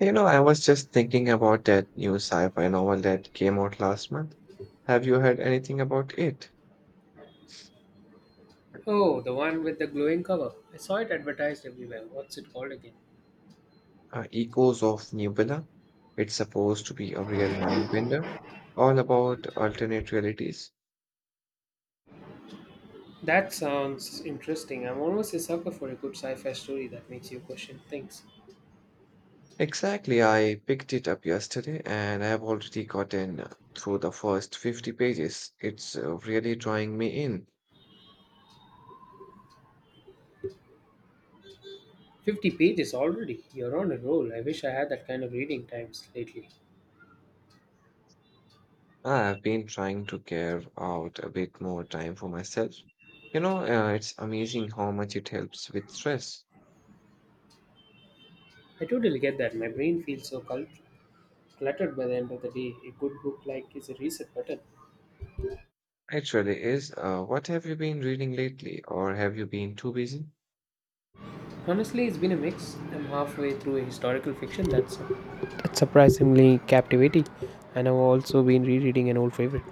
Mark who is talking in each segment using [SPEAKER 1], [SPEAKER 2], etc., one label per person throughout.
[SPEAKER 1] You know, I was just thinking about that new sci-fi novel that came out last month. Have you heard anything about it?
[SPEAKER 2] Oh, the one with the glowing cover. I saw it advertised everywhere. What's it called again?
[SPEAKER 1] Echoes of Nebula. It's supposed to be a real mind bender, all about alternate realities.
[SPEAKER 2] That sounds interesting. I'm almost a sucker for a good sci fi story that makes you question things.
[SPEAKER 1] Exactly, I picked it up yesterday and I've already gotten through the first 50 pages. It's really drawing me in.
[SPEAKER 2] 50 pages already. You're on a roll. I wish I had that kind of reading times lately.
[SPEAKER 1] I've been trying to carve out a bit more time for myself. You know, it's amazing how much it helps with stress.
[SPEAKER 2] I totally get that. My brain feels so cluttered by the end of the day. A good book like is a reset button.
[SPEAKER 1] Actually, is what have you been reading lately, or have you been too busy?
[SPEAKER 2] Honestly, it's been a mix. I'm halfway through a historical fiction that's surprisingly captivating, and I've also been rereading an old favorite.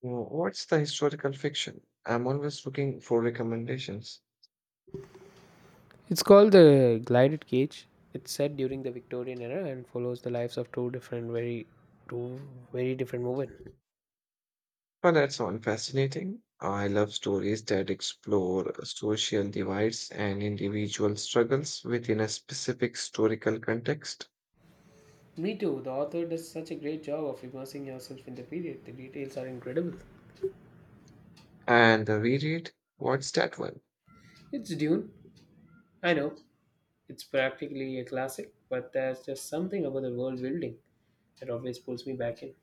[SPEAKER 1] What's the historical fiction? I'm always looking for recommendations.
[SPEAKER 2] It's called the glided cage. It's set during the Victorian era and follows the lives of two different, two very different women.
[SPEAKER 1] But that sounds fascinating. I love stories that explore social divides and individual struggles within a specific historical context.
[SPEAKER 2] Me too. The author does such a great job of immersing yourself in the period. The details are incredible.
[SPEAKER 1] And the reread, what's that one?
[SPEAKER 2] It's Dune. I know it's practically a classic, but there's just something about the world building that always pulls me back in.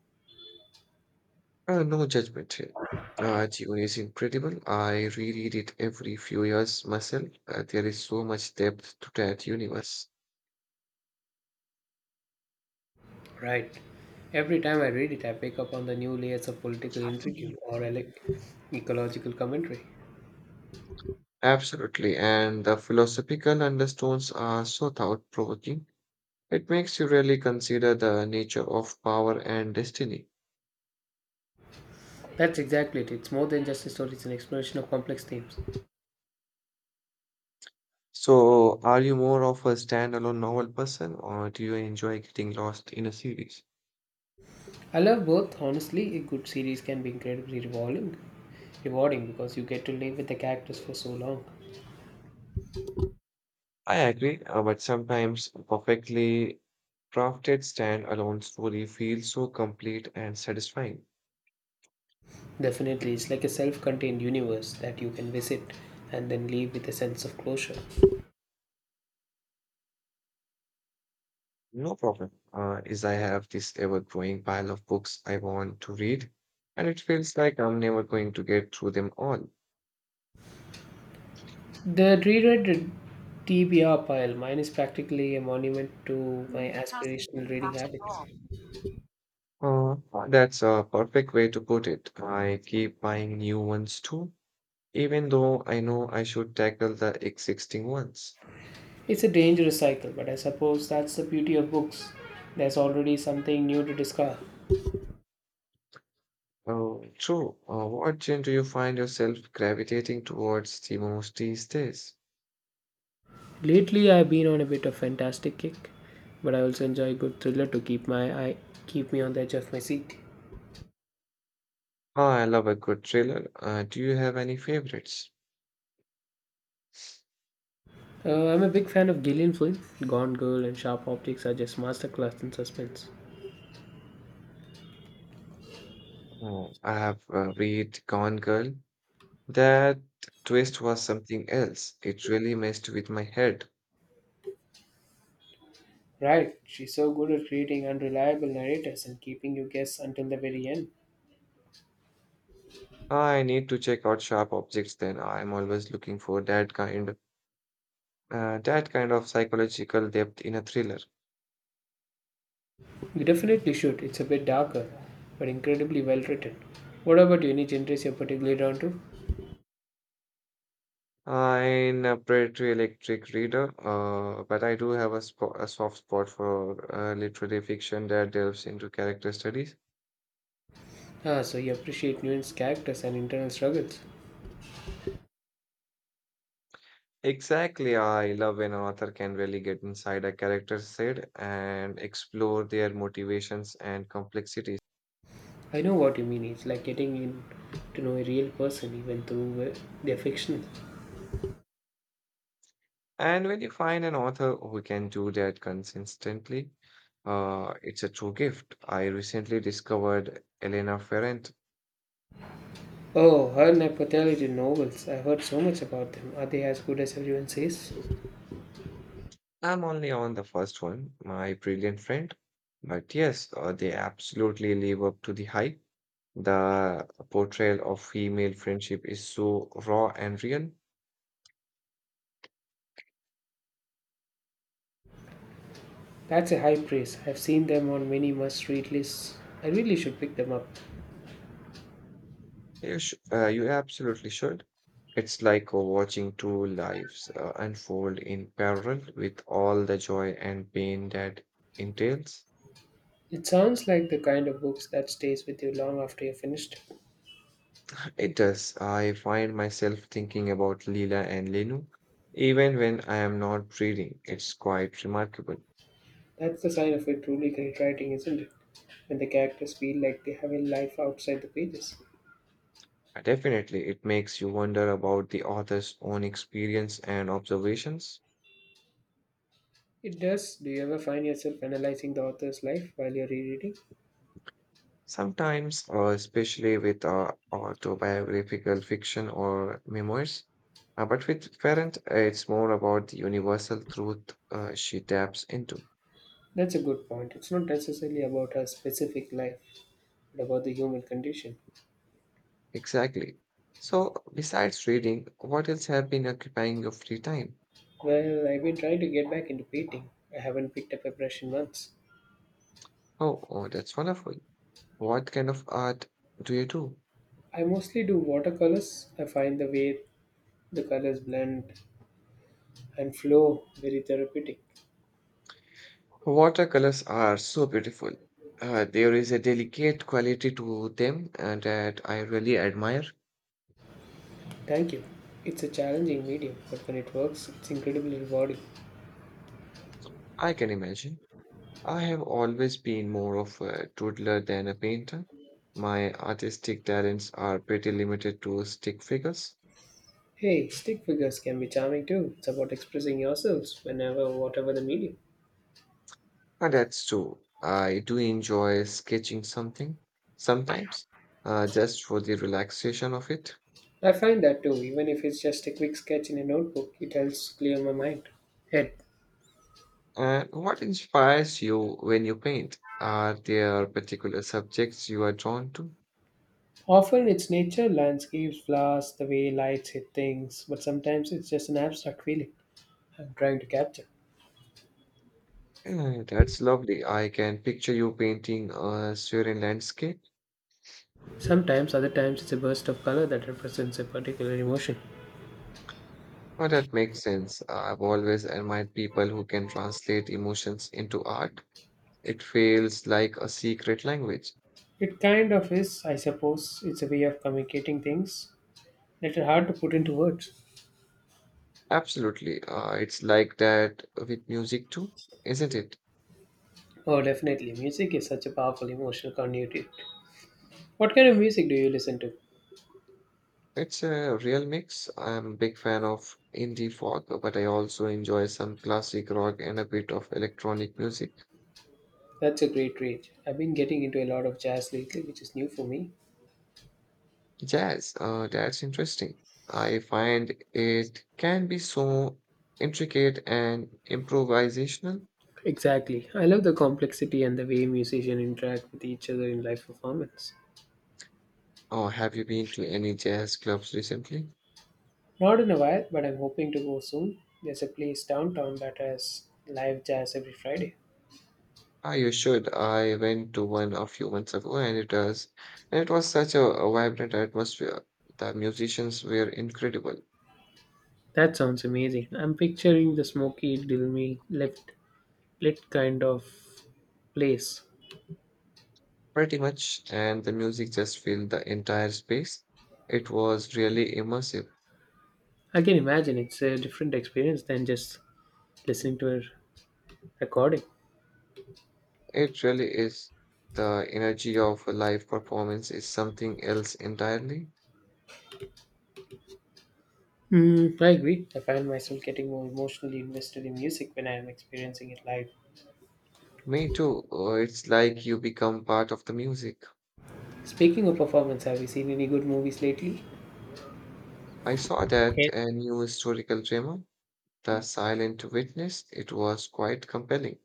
[SPEAKER 1] No judgment here. Dune is incredible. I reread it every few years myself. There is so much depth to that universe.
[SPEAKER 2] Right. Every time I read it, I pick up on the new layers of political intrigue or ecological commentary.
[SPEAKER 1] Absolutely, and the philosophical undertones are so thought-provoking. It makes you really consider the nature of power and destiny.
[SPEAKER 2] That's exactly it. It's more than just a story, it's an exploration of complex themes.
[SPEAKER 1] So, are you more of a standalone novel person, or do you enjoy getting lost in a series?
[SPEAKER 2] I love both. Honestly, a good series can be incredibly rewarding because you get to live with the characters for so long.
[SPEAKER 1] I agree, but sometimes a perfectly crafted standalone story feels so complete and satisfying.
[SPEAKER 2] Definitely, it's like a self contained universe that you can visit and then leave with a sense of closure.
[SPEAKER 1] No problem. Is I have this ever-growing pile of books I want to read, and it feels like I'm never going to get through them all.
[SPEAKER 2] The reread TBR pile, mine is practically a monument to my aspirational reading habits.
[SPEAKER 1] Uh, that's a perfect way to put it. I keep buying new ones too, even though I know I should tackle the existing ones.
[SPEAKER 2] It's a dangerous cycle, but I suppose that's the beauty of books. There's already something new to discover.
[SPEAKER 1] Oh, true. What genre do you find yourself gravitating towards the most these days?
[SPEAKER 2] Lately, I've been on a bit of fantastic kick, but I also enjoy a good thriller to keep my eye keep me on the edge of my seat.
[SPEAKER 1] Oh, I love a good thriller. Do you have any favorites?
[SPEAKER 2] I'm a big fan of Gillian Flynn. Gone Girl and Sharp Optics are just masterclass in suspense.
[SPEAKER 1] Oh, I have read Gone Girl. That twist was something else. It really messed with my head.
[SPEAKER 2] Right, she's so good at creating unreliable narrators and keeping you guess until the very end.
[SPEAKER 1] I need to check out sharp objects then. I'm always looking for that kind of psychological depth in a thriller.
[SPEAKER 2] You definitely should. It's a bit darker, but incredibly well written. What about you? Any genres you're particularly drawn to?
[SPEAKER 1] I'm a pretty electric reader, but I do have a soft spot for literary fiction that delves into character studies.
[SPEAKER 2] Ah, so you appreciate nuanced characters and internal struggles.
[SPEAKER 1] Exactly, I love when an author can really get inside a character's head and explore their motivations and complexity.
[SPEAKER 2] I know what you mean. It's like getting in to know a real person even through their fiction.
[SPEAKER 1] And when you find an author who can do that consistently, it's a true gift. I recently discovered Elena Ferrant.
[SPEAKER 2] Oh, her nepotality novels. I've heard so much about them. Are they as good as everyone says?
[SPEAKER 1] I'm only on the first one, my brilliant friend. But yes, they absolutely live up to the hype. The portrayal of female friendship is so raw and real.
[SPEAKER 2] That's a high praise. I've seen them on many must read lists. I really should pick them up.
[SPEAKER 1] You absolutely should. It's like watching two lives unfold in parallel with all the joy and pain that entails.
[SPEAKER 2] It sounds like the kind of books that stays with you long after you're finished.
[SPEAKER 1] It does. I find myself thinking about Leela and Lenu even when I am not reading. It's quite remarkable.
[SPEAKER 2] That's the sign of a truly great writing, isn't it? When the characters feel like they have a life outside the pages.
[SPEAKER 1] Definitely, it makes you wonder about the author's own experience and observations.
[SPEAKER 2] It does. Do you ever find yourself analyzing the author's life while you're rereading?
[SPEAKER 1] Sometimes, especially with autobiographical fiction or memoirs. But with Ferrant, it's more about the universal truth she taps into.
[SPEAKER 2] That's a good point. It's not necessarily about a specific life, but about the human condition.
[SPEAKER 1] Exactly. So, besides reading, what else have been occupying your free time?
[SPEAKER 2] Well, I've been trying to get back into painting. I haven't picked up a brush in months.
[SPEAKER 1] Oh, oh, that's wonderful. What kind of art do you do?
[SPEAKER 2] I mostly do watercolors. I find the way the colors blend and flow very therapeutic.
[SPEAKER 1] Watercolors are so beautiful. There is a delicate quality to them and that I really admire.
[SPEAKER 2] Thank you. It's a challenging medium, but when it works, it's incredibly rewarding.
[SPEAKER 1] I can imagine. I have always been more of a doodler than a painter. My artistic talents are pretty limited to stick figures.
[SPEAKER 2] Hey, stick figures can be charming too. It's about expressing yourselves whatever the medium.
[SPEAKER 1] And that's true. I do enjoy sketching something sometimes, just for the relaxation of it.
[SPEAKER 2] I find that too, even if it's just a quick sketch in a notebook, it helps clear my mind. Head.
[SPEAKER 1] And what inspires you when you paint? Are there particular subjects you are drawn to?
[SPEAKER 2] Often it's nature, landscapes, flowers, the way lights hit things, but sometimes it's just an abstract feeling I'm trying to capture.
[SPEAKER 1] Eh, that's lovely. I can picture you painting a serene landscape.
[SPEAKER 2] Sometimes, other times, it's a burst of color that represents a particular emotion.
[SPEAKER 1] Oh, that makes sense. I've always admired people who can translate emotions into art. It feels like a secret language.
[SPEAKER 2] It kind of is, I suppose. It's a way of communicating things that are hard to put into words.
[SPEAKER 1] Absolutely. It's like that with music too, isn't it?
[SPEAKER 2] Oh, definitely. Music is such a powerful emotional conduit. What kind of music do you listen to?
[SPEAKER 1] It's a real mix. I'm a big fan of indie folk, but I also enjoy some classic rock and a bit of electronic music.
[SPEAKER 2] That's a great range. I've been getting into a lot of jazz lately, which is new for me.
[SPEAKER 1] Jazz, that's interesting. I find it can be so intricate and improvisational.
[SPEAKER 2] Exactly. I love the complexity and the way musicians interact with each other in live performance.
[SPEAKER 1] Oh, have you been to any jazz clubs recently?
[SPEAKER 2] Not in a while, but I'm hoping to go soon. There's a place downtown that has live jazz every Friday.
[SPEAKER 1] Ah, you should. I went to one a few months ago, and it was such a vibrant atmosphere. The musicians were incredible.
[SPEAKER 2] That sounds amazing. I'm picturing the smoky, dilmy, left lit kind of place.
[SPEAKER 1] Pretty much, and the music just filled the entire space. It was really immersive.
[SPEAKER 2] I can imagine it's a different experience than just listening to a recording.
[SPEAKER 1] It really is. The energy of a live performance is something else entirely.
[SPEAKER 2] Mm, I agree. I find myself getting more emotionally invested in music when I am experiencing it live.
[SPEAKER 1] Me too. It's like you become part of the music.
[SPEAKER 2] Speaking of performance, have you seen any good movies lately?
[SPEAKER 1] I saw that
[SPEAKER 2] Yes.
[SPEAKER 1] a new historical drama, The Silent Witness. It was quite compelling.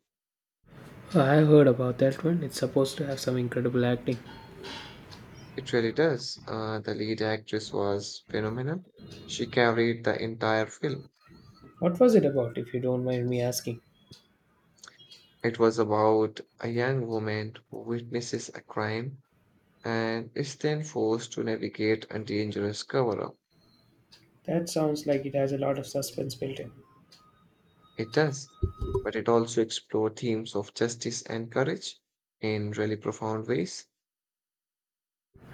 [SPEAKER 2] I heard about that one. It's supposed to have some incredible acting.
[SPEAKER 1] It really does. The lead actress was phenomenal. She carried the entire film.
[SPEAKER 2] What was it about, if you don't mind me asking?
[SPEAKER 1] It was about a young woman who witnesses a crime and is then forced to navigate a dangerous cover up.
[SPEAKER 2] That sounds like it has a lot of suspense built in.
[SPEAKER 1] It does, but it also explores themes of justice and courage in really profound ways.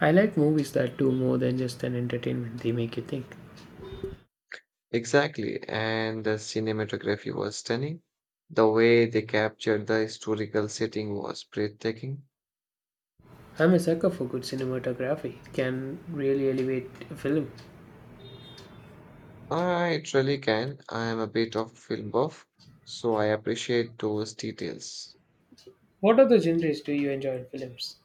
[SPEAKER 2] I like movies that do more than just an entertainment, they make you think.
[SPEAKER 1] Exactly, and the cinematography was stunning. The way they captured the historical setting was breathtaking.
[SPEAKER 2] I'm a sucker for good cinematography. It can really elevate a film.
[SPEAKER 1] I truly can. I am a bit of a film buff, so I appreciate those details.
[SPEAKER 2] What other genres do you enjoy in films?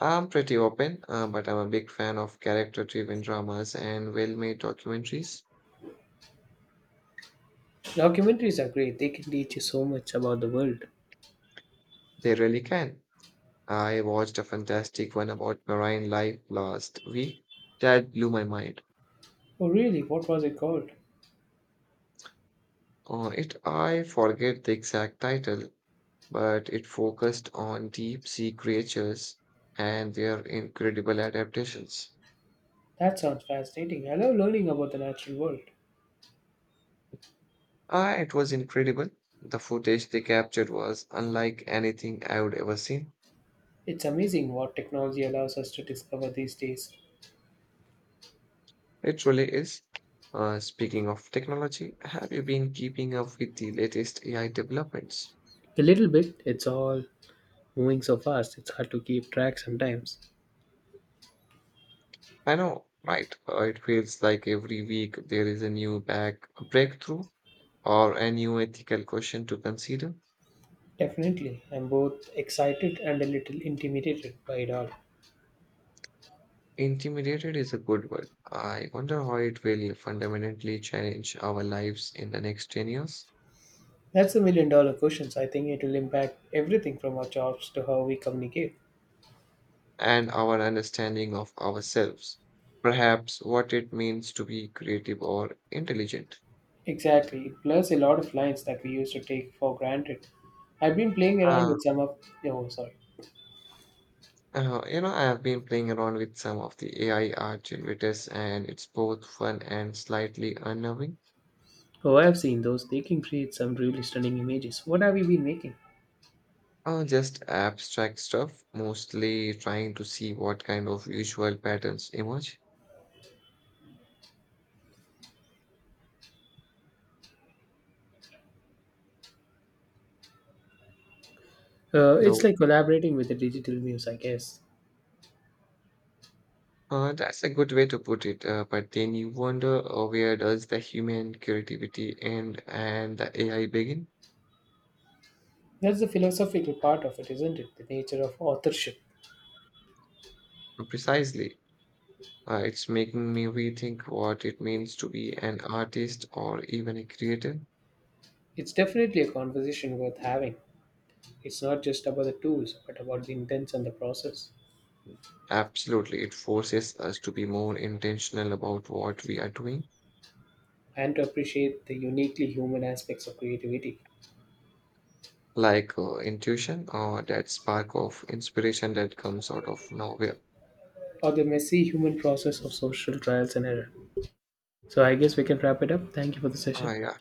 [SPEAKER 1] I'm pretty open, but I'm a big fan of character-driven dramas and well-made documentaries.
[SPEAKER 2] Documentaries are great, they can teach you so much about the world.
[SPEAKER 1] They really can. I watched a fantastic one about marine life last week that blew my mind.
[SPEAKER 2] Oh, really? What was it called?
[SPEAKER 1] It I forget the exact title, but it focused on deep sea creatures and their incredible adaptations.
[SPEAKER 2] That sounds fascinating. I love learning about the natural world.
[SPEAKER 1] Ah, it was incredible. The footage they captured was unlike anything I would ever seen.
[SPEAKER 2] It's amazing what technology allows us to discover these days.
[SPEAKER 1] It really is. Speaking of technology, have you been keeping up with the latest AI developments?
[SPEAKER 2] A little bit, it's all moving so fast, it's hard to keep track sometimes.
[SPEAKER 1] I know, right? It feels like every week there is a new back breakthrough or a new ethical question to consider.
[SPEAKER 2] Definitely. I'm both excited and a little intimidated by it all.
[SPEAKER 1] Intimidated is a good word. I wonder how it will fundamentally change our lives in the next 10 years
[SPEAKER 2] That's the million dollar questions. I think it will impact everything from our jobs to how we communicate.
[SPEAKER 1] and our understanding of ourselves. Perhaps what it means to be creative or intelligent.
[SPEAKER 2] Exactly, plus a lot of lines that we used to take for granted. I've been playing around
[SPEAKER 1] Uh,
[SPEAKER 2] with some of. Oh, sorry.
[SPEAKER 1] You know, I have been playing around with some of the AI art generators, and it's both fun and slightly unnerving.
[SPEAKER 2] Oh, I've seen those. They can create some really stunning images. What have you been making?
[SPEAKER 1] Just abstract stuff, mostly trying to see what kind of visual patterns emerge.
[SPEAKER 2] It's
[SPEAKER 1] Hello.
[SPEAKER 2] like collaborating with the digital muse, I guess.
[SPEAKER 1] That's a good way to put it, but then you wonder where does the human creativity end and the AI begin?
[SPEAKER 2] That's the philosophical part of it, isn't it? The nature of authorship.
[SPEAKER 1] Precisely. It's making me rethink what it means to be an artist or even a creator.
[SPEAKER 2] It's definitely a conversation worth having. It's not just about the tools, but about the intents and the process,
[SPEAKER 1] Absolutely, it forces us to be more intentional about what we are doing,
[SPEAKER 2] and to appreciate the uniquely human aspects of creativity,
[SPEAKER 1] like intuition or that spark of inspiration that comes out of nowhere.
[SPEAKER 2] or the messy human process of social trials and error. So I guess we can wrap it up. Thank you for the session.
[SPEAKER 1] Ah, yeah.